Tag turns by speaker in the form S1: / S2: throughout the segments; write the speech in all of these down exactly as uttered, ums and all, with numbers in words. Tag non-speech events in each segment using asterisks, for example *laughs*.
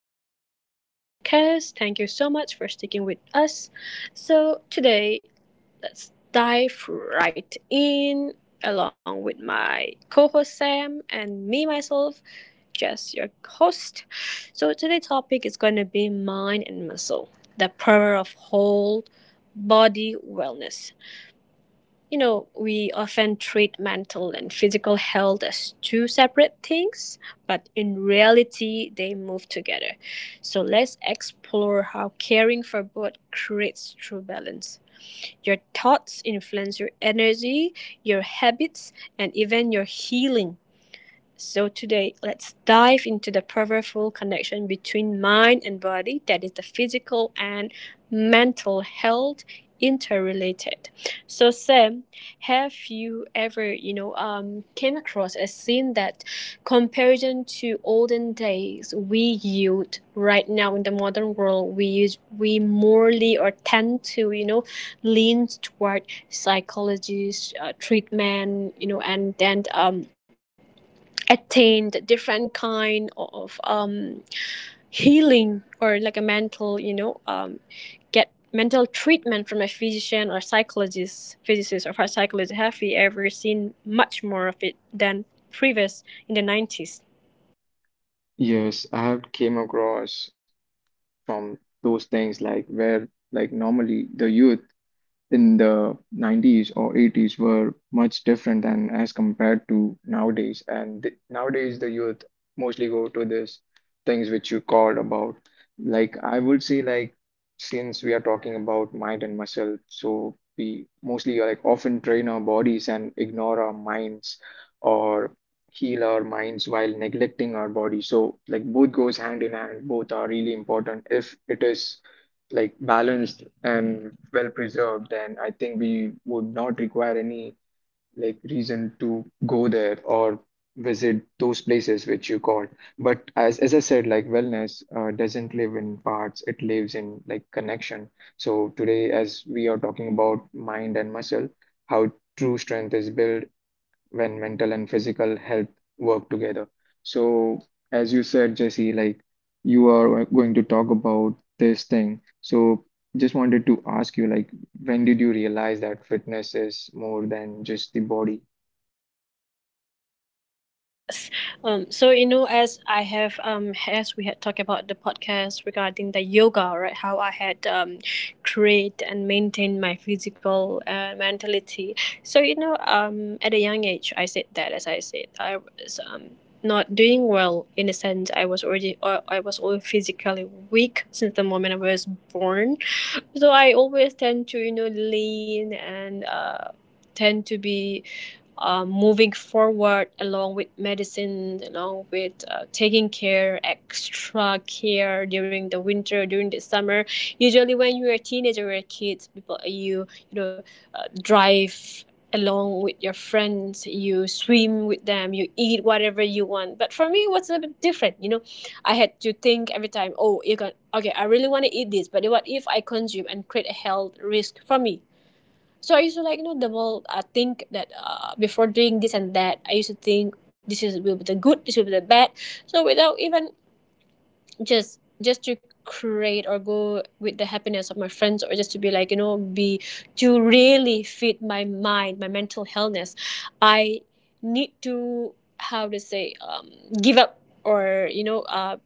S1: and Jen Jazz Podcast. Thank you so much for sticking with us. So today, let's dive right in along with my co host Sam and me, myself, Jess, your host. So today's topic is going to be mind and muscle, the power of whole body wellness you know, We often treat mental and physical health as two separate things, but in reality, they move together. So let's explore how caring for both creates true balance. Your thoughts influence your energy, your habits, and even your healing. So today, let's dive into the powerful connection between mind and body, that is, the physical and mental health interrelated. So Sam, have you ever, you know, um, came across a scene that comparison to olden days we youth right now in the modern world we use we morally or tend to, you know, lean toward psychologist uh, treatment, you know, and then um attained different kind of um, healing or like a mental you know um, get mental treatment from a physician or psychologist physicist or psychologist have we ever seen much more of it than previous in the nineties.
S2: Yes, I have came across from those things like where like normally the youth in the nineties or eighties were much different than as compared to nowadays and th- nowadays the youth mostly go to this things which you called about, like I would say, like since we are talking about mind and muscle, so we mostly like often train our bodies and ignore our minds or heal our minds while neglecting our body. So like both goes hand in hand, both are really important. If it is like balanced and well preserved, then I think we would not require any like reason to go there or visit those places which you called. But as as I said, like wellness uh, doesn't live in parts; it lives in like connection. So today, as we are talking about mind and muscle, how true strength is built when mental and physical health work together. So, as you said, Jesse, like you are going to talk about this thing. So, just wanted to ask you, like, when did you realize that fitness is more than just the body?
S1: Mm, yes. Um, so you know, as I have um, as we had talked about the podcast regarding the yoga, right? How I had um, create and maintain my physical uh, mentality. So you know, um, at a young age, I said that as I said, I was um not doing well in a sense. I was already uh, I was always physically weak since the moment I was born. So I always tend to you know lean and uh tend to be uh, moving forward along with medicine, along with uh, taking care, extra care during the winter, during the summer. Usually, when you're a teenager or a kid, people you you know uh, drive along with your friends, you swim with them, you eat whatever you want. But for me, it was a bit different. You know, I had to think every time. Oh, you can okay. I really want to eat this, but what if I consume and create a health risk for me? So I used to like you know double uh, think that uh, before doing this and that I used to think this is will be the good this will be the bad so without even just just to create or go with the happiness of my friends or just to be like you know be to really feed my mind my mental healthness I need to how to say um, give up or you know uh,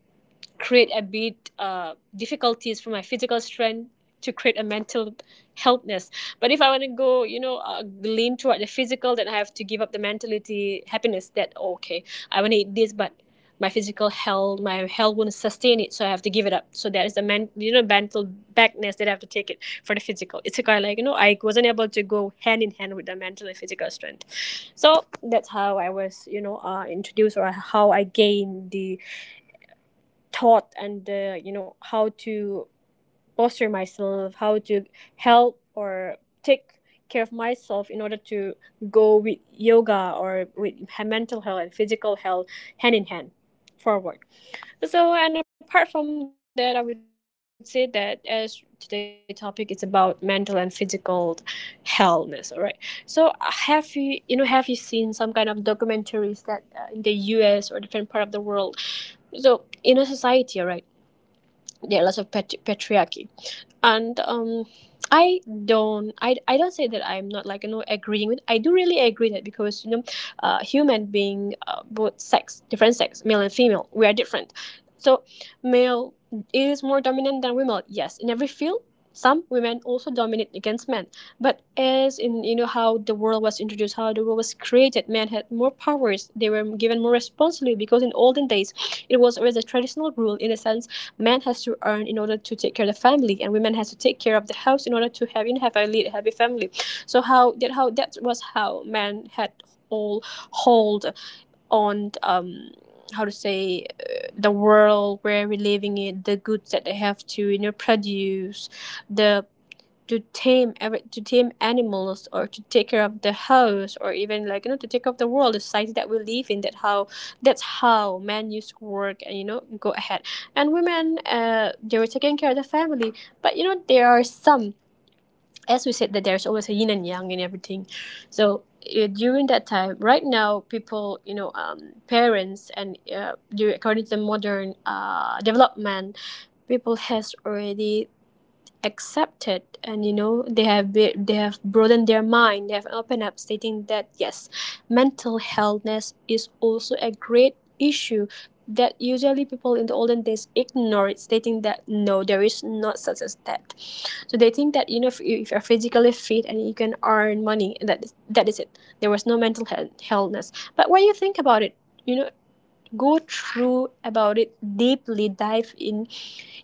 S1: create a bit uh, difficulties for my physical strength to create a mental healthness. But if I want to go, you know, uh, lean toward the physical, then I have to give up the mentality happiness that, oh, okay, I want to eat this, but my physical health, my health won't sustain it, so I have to give it up. So there is the man, you know, mental backness that I have to take it for the physical. It's a kind of like, you know, I wasn't able to go hand in hand with the mental and physical strength. So that's how I was, you know, uh, introduced or how I gained the taught and uh, you know how to foster myself, how to help or take care of myself in order to go with yoga or with he- mental health and physical health hand in hand forward. So and apart from that, I would say that as today's topic is about mental and physical healthness, all right. So uh, have you you know have you seen some kind of documentaries that uh, in the U S or different part of the world, so in a society, all right, there are lots of patri- patriarchy and um i don't I, I don't say that I'm not like you know agreeing with I do really agree that because you know uh human being uh, both sex different sex male and female we are different. So male is more dominant than women, yes, in every field. Some women also dominate against men, but as in you know how the world was introduced how the world was created men had more powers they were given more responsibility because in olden days it was always a traditional rule in a sense. Man has to earn in order to take care of the family and women has to take care of the house in order to have, you know, have a lead happy family. So how that how that was how men had all hold on um how to say uh, the world where we're living in the goods that they have to you know produce the to tame every to tame animals or to take care of the house or even like you know to take care of the world the society that we live in that how that's how men used to work and you know go ahead. And women uh they were taking care of the family. But you know there are some, as we said that there's always a yin and yang in everything. So uh, during that time right now people you know um, parents and uh, du- according to the modern uh, development people has already accepted and you know they have be, they have broadened their mind they have opened up stating that yes mental healthness is also a great issue that usually people in the olden days ignored stating that no there is not such a step. So they think that you know if, you, if you're physically fit and you can earn money that is, that is it. There was no mental health healthness but when you think about it, you know, go through about it deeply dive in,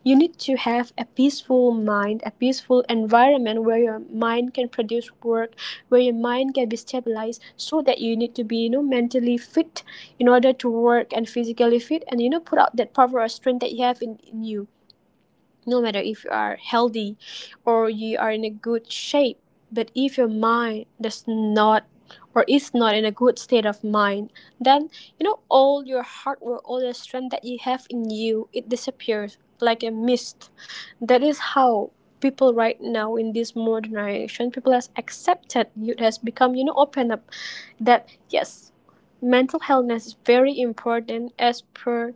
S1: you need to have a peaceful mind a peaceful environment where your mind can produce work where your mind can be stabilized so that you need to be you know mentally fit in order to work and physically fit and you know put out that power or strength that you have in, in you. No matter if you are healthy or you are in a good shape, but if your mind does not or is not in a good state of mind, then you know all your hard work all the strength that you have in you it disappears like a mist. That is how people right now in this modern generation people has accepted youth has become you know open up that yes mental health is very important as per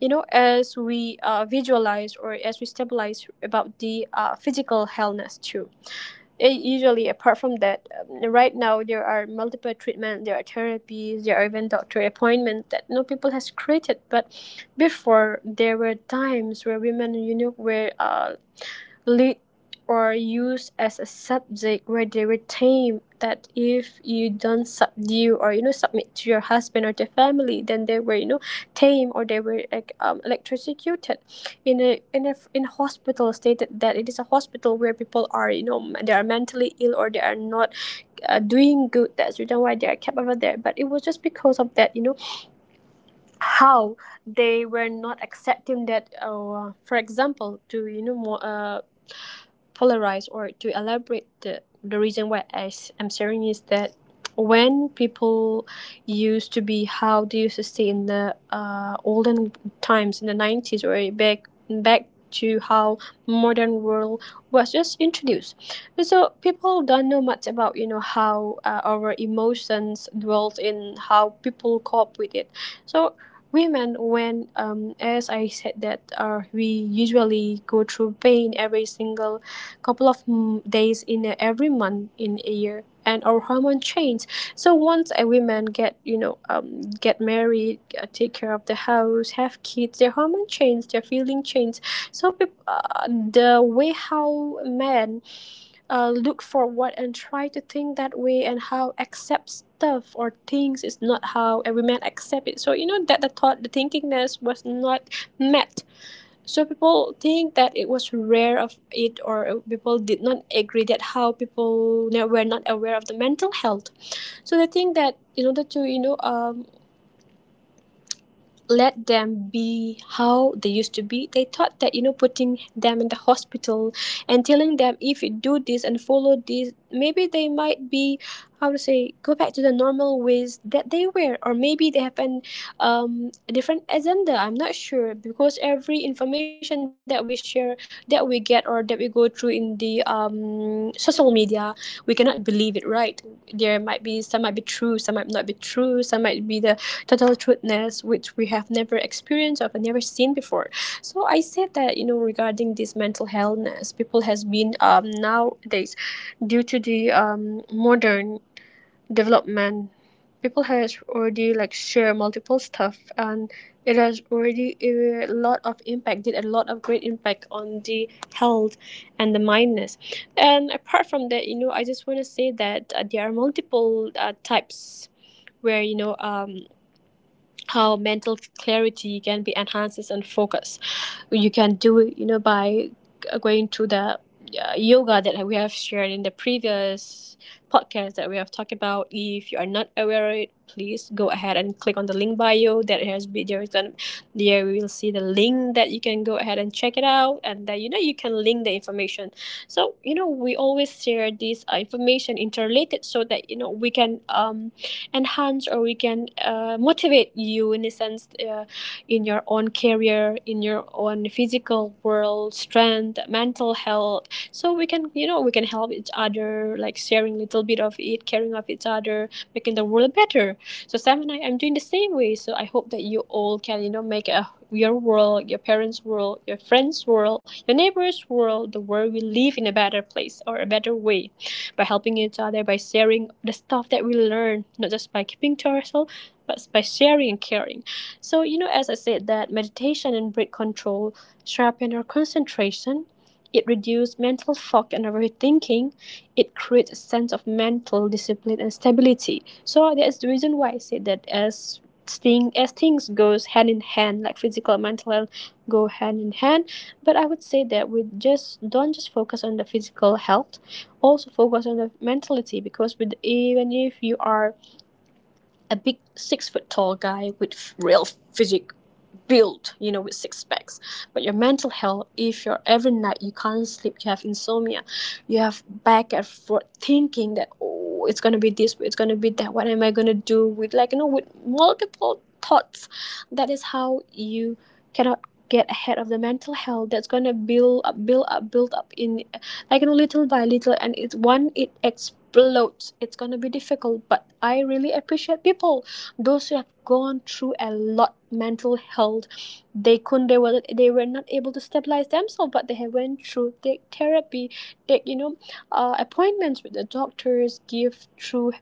S1: you know as we uh, visualize or as we stabilize about the uh, physical healthness too. It usually apart from that um, right now there are multiple treatment there are therapies there are even doctor appointments that no people has created. But before there were times where women you know were uh, lead or used as a subject where they were tamed that if you don't subdue or you know submit to your husband or the family then they were you know tamed or they were like um, electrocuted in a in a in hospital stated that it is a hospital where people are you know they are mentally ill or they are not uh, doing good that's the reason why they are kept over there but it was just because of that you know how they were not accepting that uh, for example to you know more uh, polarize or to elaborate the the reason why I am sharing is that when people used to be how they used to stay in the uh, olden times in the nineties or back back to how modern world was just introduced. So people don't know much about you know how uh, our emotions dwelt in how people cope with it. So women when um, as I said that uh, we usually go through pain every single couple of m- days in a, every month in a year and our hormone change. So once a women get you know um, get married uh, take care of the house have kids their hormone change their feeling change. So peop uh, the way how men uh, look forward and try to think that way and how accept stuff or things is not how a woman accept it so you know that the thought the thinkingness was not met. So people think that it was rare of it, or people did not agree that how people were not aware of the mental health. So they think that in order to you know um, let them be how they used to be. They thought that, you know, putting them in the hospital and telling them if you do this and follow this, maybe they might be, how to say, go back to the normal ways that they were. Or maybe they have an, um, a different agenda. I'm not sure because every information that we share, that we get, or that we go through in the um, social media, we cannot believe it, right? There might be some might be true, some might not be true, some might be the total trueness which we have never experienced or never seen before. So I said that, you know, regarding this mental healthness, people has been um, nowadays due to the um, modern development. People has already like share multiple stuff, and it has already a lot of impact did a lot of great impact on the health and the mindness. And apart from that, you know, I just want to say that uh, there are multiple uh, types where, you know, um how mental clarity can be enhanced and focus. You can do it, you know, by going to the uh, yoga that we have shared in the previous podcast that we have talked about. If you are not aware of it, please go ahead and click on the link bio that has videos, and there we will see the link that you can go ahead and check it out, and that, you know, you can link the information. So, you know, we always share this uh, information interrelated, so that, you know, we can um enhance, or we can uh, motivate you in a sense, uh, in your own career, in your own physical world strength, mental health. So we can you know we can help each other, like sharing little bit of it, caring of each other, making the world better. So Sam and I am doing the same way. So I hope that you all can, you know, make a your world, your parents' world, your friends' world, your neighbors' world, the world we live in a better place or a better way, by helping each other, by sharing the stuff that we learn, not just by keeping to ourselves, but by sharing and caring. So, you know, as I said, that meditation and breath control sharpen our concentration. It reduces mental fog and overthinking. It creates a sense of mental discipline and stability. So that is the reason why I said that as thing as things goes hand in hand, like physical and mental health go hand in hand. But I would say that we just don't just focus on the physical health, also focus on the mentality, because with even if you are a big six foot tall guy with real physique built, you know, with six packs. But your mental health, if you're every night you can't sleep, you have insomnia, you have back and forth thinking that, oh, it's gonna be this, it's gonna be that. What am I gonna do with, like, you know, with multiple thoughts? That is how you cannot get ahead of the mental health that's gonna build up, build up, build up in, like, you know, little by little, and it's one it explodes. It's gonna be difficult, but I really appreciate people, those who have gone through a lot mental health. They couldn't, they were they were not able to stabilize themselves, but they have went through take therapy, take you know uh, appointments with the doctors, give through,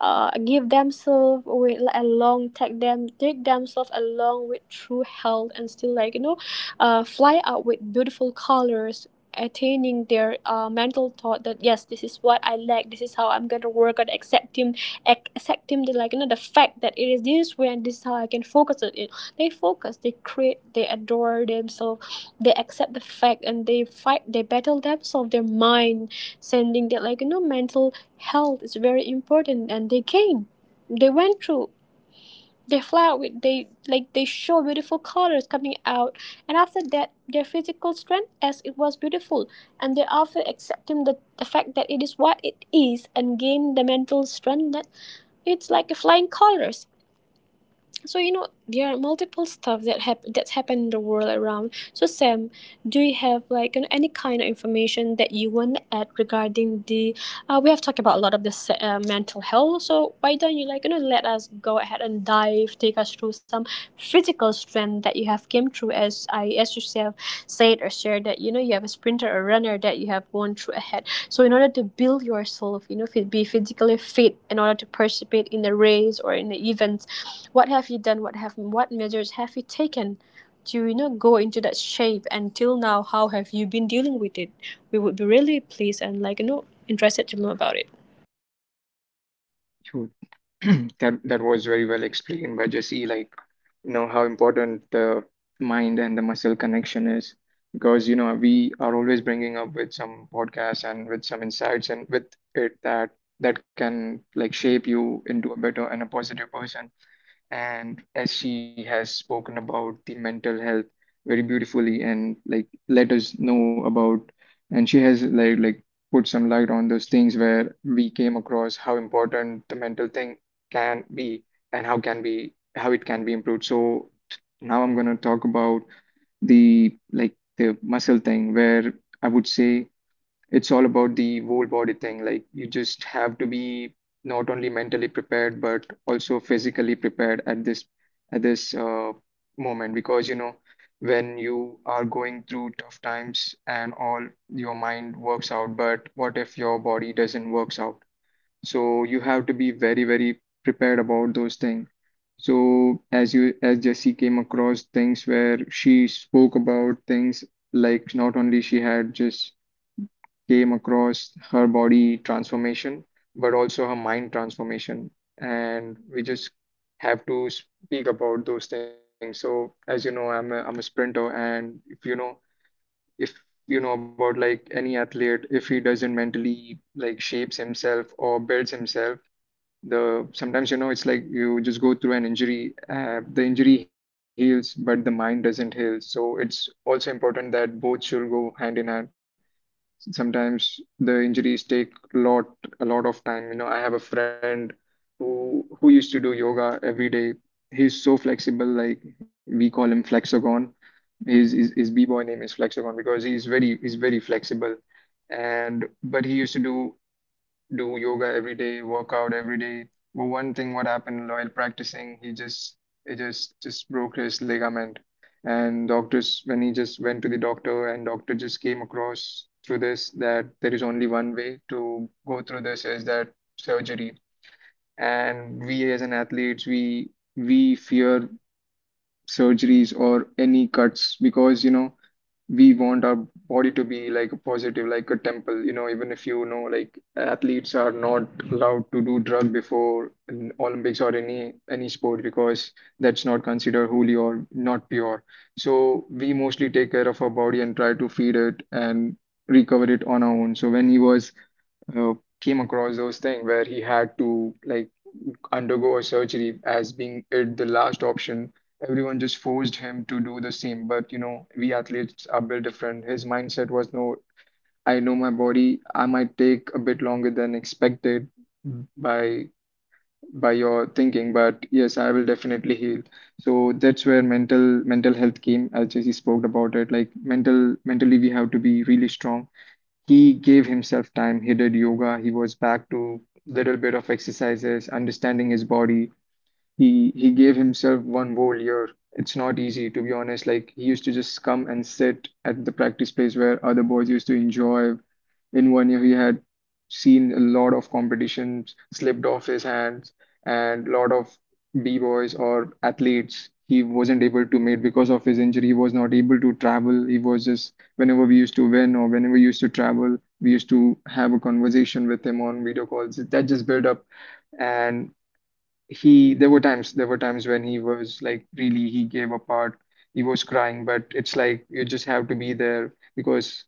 S1: uh, give themselves with, like, along take them take themselves along with true health, and still, like, you know, uh, fly out with beautiful colors, attaining their uh, mental thought that, yes, this is what I like, this is how I'm going to work on accepting accepting the, like, you know, the fact that it is this way and this is how I can focus on it. They focus, they create, they adore themselves, they accept the fact, and they fight, they battle themselves, their mind, sending that, like, you know, mental health is very important, and they came. They went through, they fly with, they like, they show beautiful colors coming out, and after that their physical strength, as it was beautiful, and thereafter accepting the, the fact that it is what it is, and gain the mental strength that it's like a flying colors. So, you know, there are multiple stuff that hap- that's happened in the world around. So Sam, do you have, like, you know, any kind of information that you want to add regarding the uh, we have talked about a lot of this uh, mental health? So why don't you, like, you know, let us go ahead and dive take us through some physical strength that you have came through as i as you have said or shared that, you know, you have a sprinter or runner that you have gone through ahead. So in order to build yourself, you know, be physically fit in order to participate in the race or in the events, what have you done, what have what measures have you taken to, you know, go into that shape, and till now, how have you been dealing with it? We would be really pleased and, like, you know, interested to know about it.
S2: You- *clears throat* That that was very well explained by Jesse. Like, you know how important the mind and the muscle connection is, because you know we are always bringing up with some podcasts and with some insights and with it that that can like shape you into a better and a positive person. And as she has spoken about the mental health very beautifully and like let us know about, and she has like like put some light on those things where we came across how important the mental thing can be and how can be how it can be improved. So now I'm going to talk about the like the muscle thing, where I would say it's all about the whole body thing. Like you just have to be not only mentally prepared but also physically prepared at this at this uh, moment, because you know when you are going through tough times and all, your mind works out, but what if your body doesn't works out? So you have to be very very prepared about those things. So as you, as Jessie came across things where she spoke about things, like not only she had just came across her body transformation, but also her mind transformation. And we just have to speak about those things. So, as you know, I'm a, I'm a sprinter, and if you know, if you know about like any athlete, if he doesn't mentally like shapes himself or builds himself, the sometimes you know it's like you just go through an injury. Uh, the injury heals, but the mind doesn't heal. So it's also important that both should go hand in hand. Sometimes the injuries take lot a lot of time. You know, I have a friend who who used to do yoga every day. He's so flexible, like we call him Flexagon. His his, his b-boy name is Flexagon because he's very he's very flexible. And but he used to do do yoga every day, work out every day. But one thing what happened while practicing, he just he just just broke his ligament. And doctors, when he just went to the doctor, and doctor just came across through this, that there is only one way to go through this, is that surgery. And we as an athletes, we we fear surgeries or any cuts, because you know we want our body to be like a positive, like a temple. You know, even if you know, like athletes are not allowed to do drug before an Olympics or any any sport, because that's not considered holy or not pure. So we mostly take care of our body and try to feed it and recover it on our own. So when he was uh, came across those things where he had to like undergo a surgery as being it the last option. Everyone just forced him to do the same. But you know, we athletes are built different. His mindset was no, I know my body. I might take a bit longer than expected by by your thinking, but yes, I will definitely heal. So that's where mental mental health came, as Jesse spoke about it. Like mental mentally, we have to be really strong. He gave himself time, he did yoga, he was back to little bit of exercises, understanding his body. He he gave himself one whole year. It's not easy, to be honest. Like he used to just come and sit at the practice place where other boys used to enjoy. In one year, he had seen a lot of competitions slipped off his hands, and a lot of b-boys or athletes he wasn't able to meet because of his injury. He was not able to travel. He was just, whenever we used to win or whenever we used to travel, we used to have a conversation with him on video calls. That just built up. And he, there were times there were times when he was like really, he gave a part, he was crying, but it's like you just have to be there. Because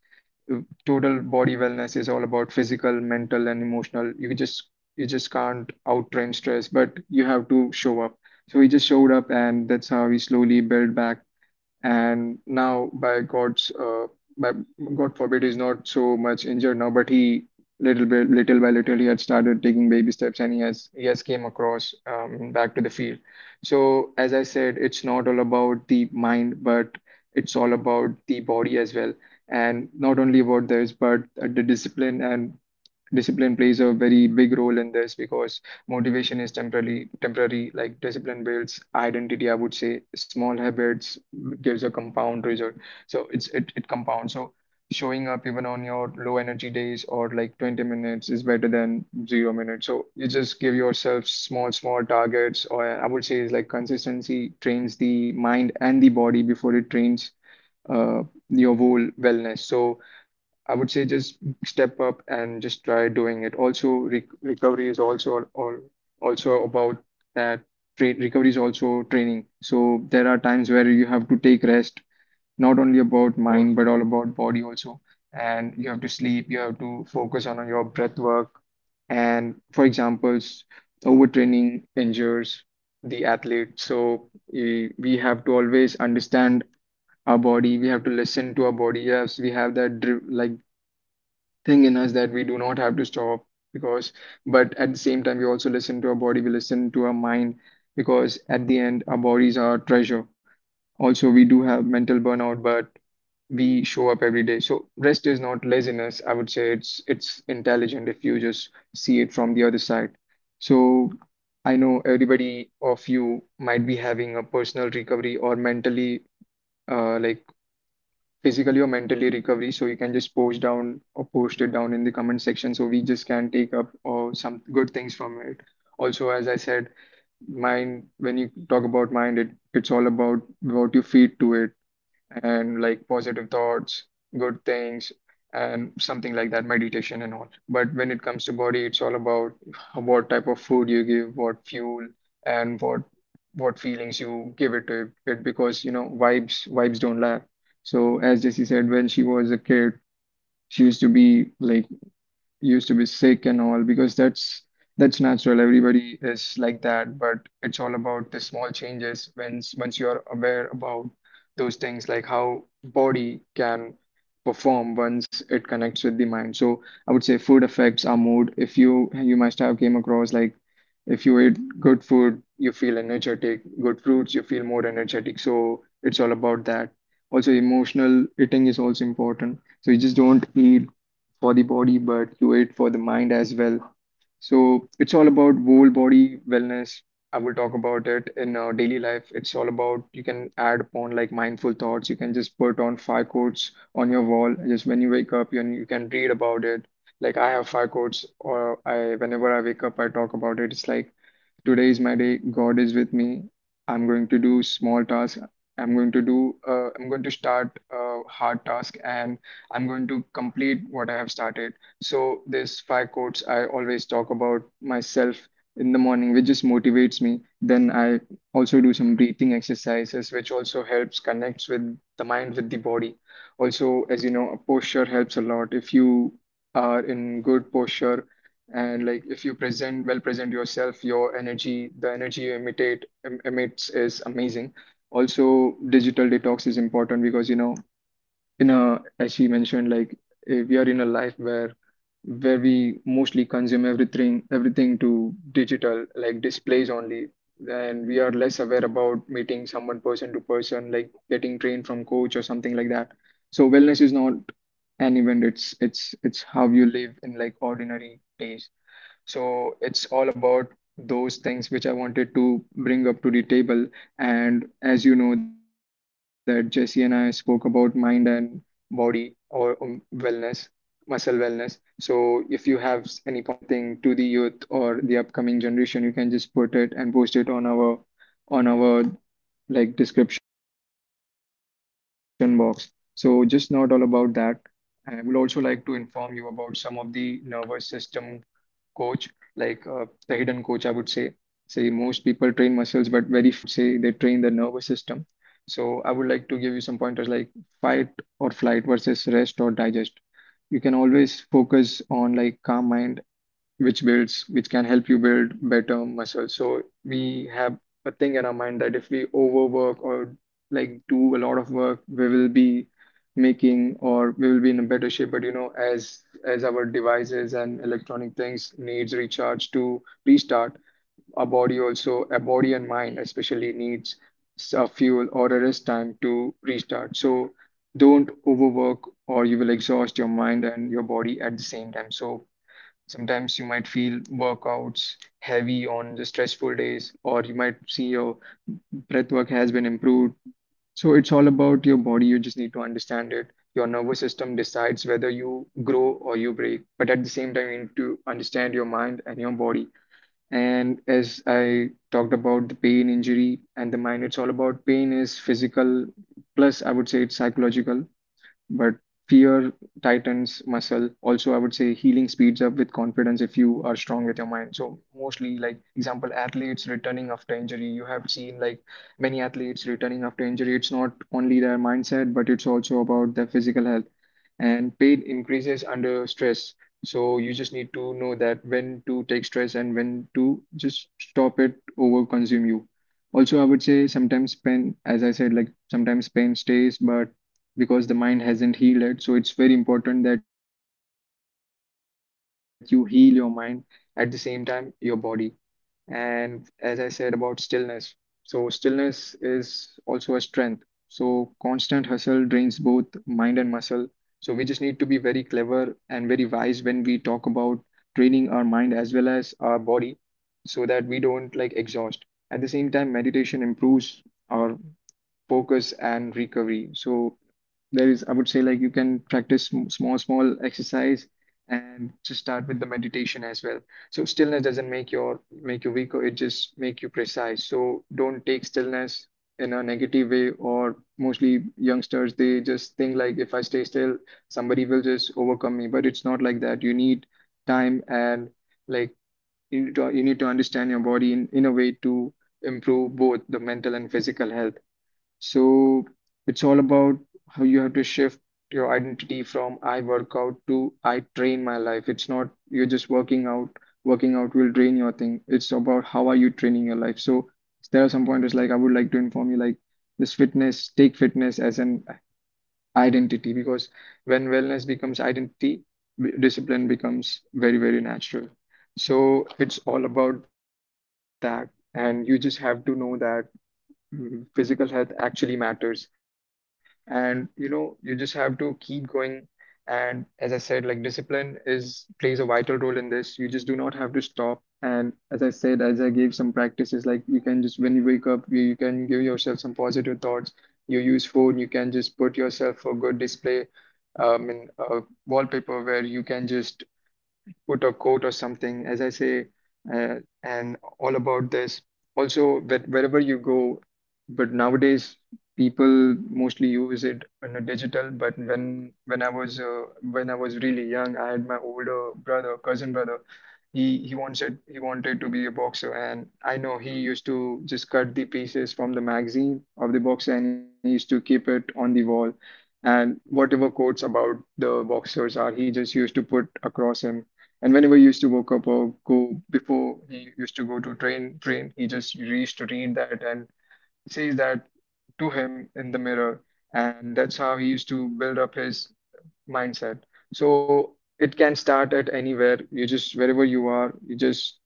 S2: uh, total body wellness is all about physical, mental and emotional. You just you just can't out train stress, but you have to show up. So he just showed up, and that's how he slowly built back. And now by God's uh, by God forbid, he's not so much injured now, but he little bit little by little he had started taking baby steps, and he has he has came across um, back to the field. So as I said, it's not all about the mind, but it's all about the body as well. And not only about this, but the discipline and discipline plays a very big role in this. Because motivation is temporarily temporary, like discipline builds identity. I would say small habits gives a compound result. So it's it, it compounds. So showing up even on your low energy days, or like twenty minutes is better than zero minutes. So you just give yourself small small targets, or I would say is like consistency trains the mind and the body before it trains uh, your whole wellness. So I would say just step up and just try doing it. Also, re recovery is also, or also about that. Tra Recovery is also training. So there are times where you have to take rest, not only about mind but all about body also. And you have to sleep. You have to focus on your breath work. And for examples, overtraining injures the athlete. So eh, we have to always understand our body. We have to listen to our body. Yes, we have that dri like thing in us that we do not have to stop. Because but at the same time we also listen to our body, we listen to our mind, because at the end our bodies are treasure. Also we do have mental burnout, but we show up every day. So rest is not laziness, I would say it's it's intelligent if you just see it from the other side. So I know everybody of you might be having a personal recovery, or mentally uh, like physically or mentally recovery. So you can just post down or post it down in the comment section, so we just can take up or some good things from it. Also as I said, mind, when you talk about mind, it, it's all about what you feed to it. And like positive thoughts, good things, and something like that, meditation and all. But when it comes to body, it's all about what type of food you give, what fuel, and what what feelings you give it to it. Because you know vibes vibes don't lie. So as Jessie said, when she was a kid, she used to be like used to be sick and all, because that's that's natural. Everybody is like that, but it's all about the small changes. Once once you're aware about those things, like how body can perform once it connects with the mind. So I would say food affects our mood. If you you must have came across, like if you eat good food, you feel energetic. Good fruits, you feel more energetic. So it's all about that. Also, emotional eating is also important. So you just don't eat for the body, but you do it for the mind as well. So it's all about whole body wellness. I will talk about it in our daily life. It's all about you can add upon like mindful thoughts. You can just put on five quotes on your wall. Just when you wake up, you you can read about it. Like I have five quotes, or I whenever I wake up, I talk about it. It's like Today is my day. God is with me. I'm going to do small tasks. I'm going to do, uh, I'm going to start a hard task and I'm going to complete what I have started. So, this five quotes I always talk about myself in the morning, which just motivates me. Then I also do some breathing exercises, which also helps connects with the mind with the body. Also, as you know, a posture helps a lot. If you are in good posture, and like if you present well present yourself, your energy, the energy you imitate em- emits is amazing. Also, digital detox is important because you know, in a as she mentioned, like eh, we are in a life where where we mostly consume everything everything to digital like displays only, and we are less aware about meeting someone person to person, like getting trained from coach or something like that. So wellness is not an event, it's it's it's how you live in like ordinary days. So it's all about those things which I wanted to bring up to the table. And as you know that Jesse and I spoke about mind and body, or um, wellness, muscle wellness. So if you have s- any pointers or anything to the youth or the upcoming generation, you can just put it and post it on our on our like description box. So just not all about that. I would also like to inform you about some of the nervous system coach, like uh, the hidden coach, I would say. Say most people train muscles, but very few, I would say, they train the nervous system. So I would like to give you some pointers like fight or flight versus rest or digest. You can always focus on like calm mind, which builds which can help you build better muscle. So we have a thing in our mind that if we overwork or like do a lot of work, we will be making, or we will be in a better shape. But you know, as as our devices and electronic things needs recharge to restart, our body also, our body and mind especially, needs a fuel or a rest time to restart. So don't overwork, or you will exhaust your mind and your body at the same time. So sometimes you might feel workouts heavy on the stressful days, or you might see your breath work has been improved. So it's all about your body. You just need to understand it. Your nervous system decides whether you grow or you break. But at the same time, you need to understand your mind and your body. And as I talked about the pain, injury, and the mind, it's all about pain is physical, plus I would say it's psychological. But fear tightens muscle. Also, I would say healing speeds up with confidence if you are strong with your mind. So mostly, like example, athletes returning after injury. You have seen like many athletes returning after injury. It's not only their mindset, but it's also about their physical health. And pain increases under stress. So you just need to know that when to take stress and when to just stop it over consume you. Also, I would say sometimes pain, as I said, like sometimes pain stays, but because the mind hasn't healed it. So it's very important that you heal your mind at the same time your body. And as I said about stillness, so stillness is also a strength. So constant hustle drains both mind and muscle. So we just need to be very clever and very wise when we talk about training our mind as well as our body, so that we don't like exhaust. At the same time, meditation improves our focus and recovery. So there is, I would say, like you can practice sm- small small exercise, and just start with the meditation as well. So stillness doesn't make your make you weaker, it just make you precise. So don't take stillness in a negative way, or mostly youngsters, they just think like if I stay still, somebody will just overcome me. But it's not like that. You need time and like, you need to, you need to understand your body in, in a way to improve both the mental and physical health. So it's all about how you have to shift your identity from I work out to I train my life. It's not you're just working out. Working out will drain your thing. It's about how are you training your life. So there are some pointers like I would like to inform you like this fitness, take fitness as an identity, because when wellness becomes identity, b- discipline becomes very, very natural. So it's all about that. And you just have to know that, Mm, physical health actually matters. And you know, you just have to keep going. And as I said, like discipline is plays a vital role in this. You just do not have to stop. And as I said, as I gave some practices, like you can just when you wake up, you, you can give yourself some positive thoughts. You use phone, you can just put yourself a good display um, in a wallpaper where you can just put a quote or something, as I say, uh, and all about this. Also, that wherever you go, but nowadays people mostly use it in a digital. But when when I was uh, when I was really young, I had my older brother, cousin brother. He he wanted he wanted to be a boxer, and I know he used to just cut the pieces from the magazine of the boxer, and he used to keep it on the wall. And whatever quotes about the boxers are, he just used to put across him. And whenever he used to woke up or go before he used to go to train train, he just used to read that and says that to him in the mirror. And that's how he used to build up his mindset. So it can start at anywhere. You just wherever you are, you just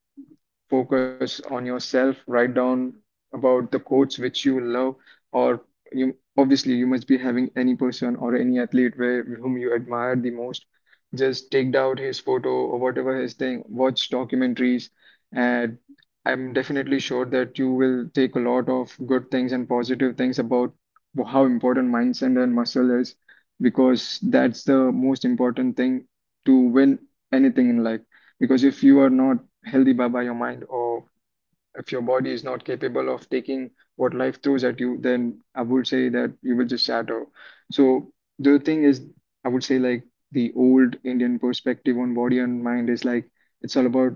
S2: focus on yourself, write down about the quotes which you love, or you obviously, you must be having any person or any athlete where whom you admire the most. Just take out his photo or whatever his thing, watch documentaries. And I'm definitely sure that you will take a lot of good things and positive things about how important mindset and muscle is, because that's the most important thing to win anything in life. Because if you are not healthy by, by your mind, or if your body is not capable of taking what life throws at you, then I would say that you will just shatter. So the thing is, I would say, like the old Indian perspective on body and mind is like, it's all about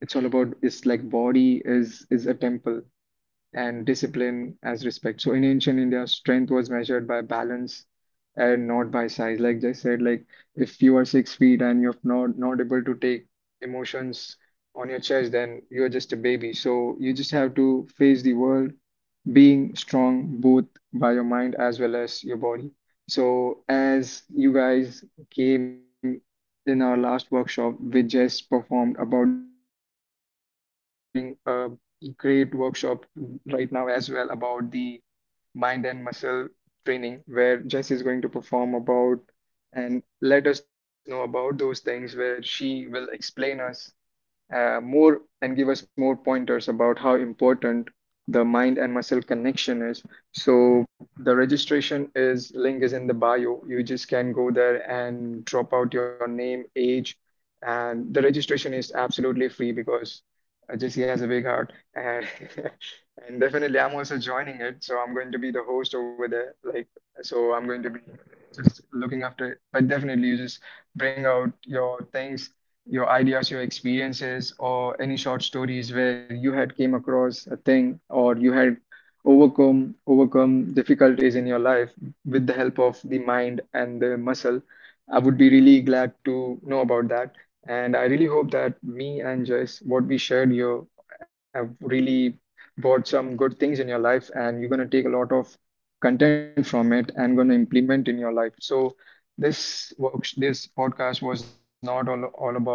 S2: it's all about it's like body is is a temple and discipline as respect. So in ancient India, strength was measured by balance and not by size. Like I said, like if you are six feet and you're not not able to take emotions on your chest, then you're just a baby. So you just have to face the world being strong both by your mind as well as your body. So as you guys came in our last workshop, we just performed about the yoga thing. So we are throwing a great workshop right now as well about the mind and muscle training, where Jess is going to perform about and let us know about those things where she will explain us uh, more and give us more pointers about how important the mind and muscle connection is. So the registration is link is in the bio. You just can go there and drop out your name, age, and the registration is absolutely free, because uh, Jesse has a big heart and *laughs* and definitely I'm also joining it. So I'm going to be the host over there. Like, so I'm going to be just looking after it. But definitely you just bring out your things, your ideas, your experiences, or any short stories where you had came across a thing, or you had overcome overcome difficulties in your life with the help of the mind and the muscle. I would be really glad to know about that. And I really hope that me and Joyce, what we shared here, have really brought some good things in your life, and you're gonna take a lot of content from it and gonna implement in your life. So this works, this podcast was not all all about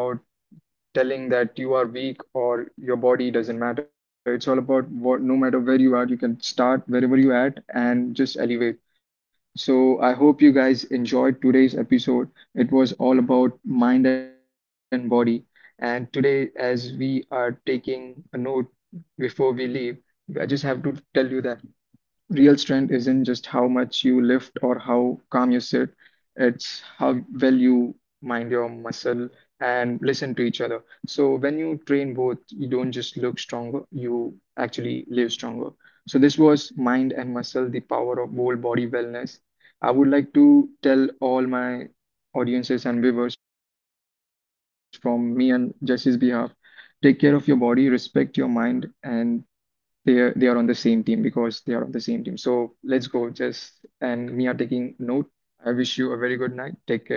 S2: telling that you are weak or your body doesn't matter. It's all about what, no matter where you are, you can start wherever you at and just elevate. So I hope you guys enjoyed today's episode. It was all about mind and body. And today, as we are taking a note before we leave, I just have to tell you that. Real strength isn't just how much you lift or how calm you sit, it's how well you mind your muscle and listen to each other. So when you train both, you don't just look stronger, you actually live stronger. So this was mind and muscle, the power of whole body wellness. I would like to tell all my audiences and viewers from me and Jesse's behalf, take care of your body, respect your mind, and they are, they are on the same team, because they are on the same team. So let's go, Jess and Mia taking note. I wish you a very good night. Take care.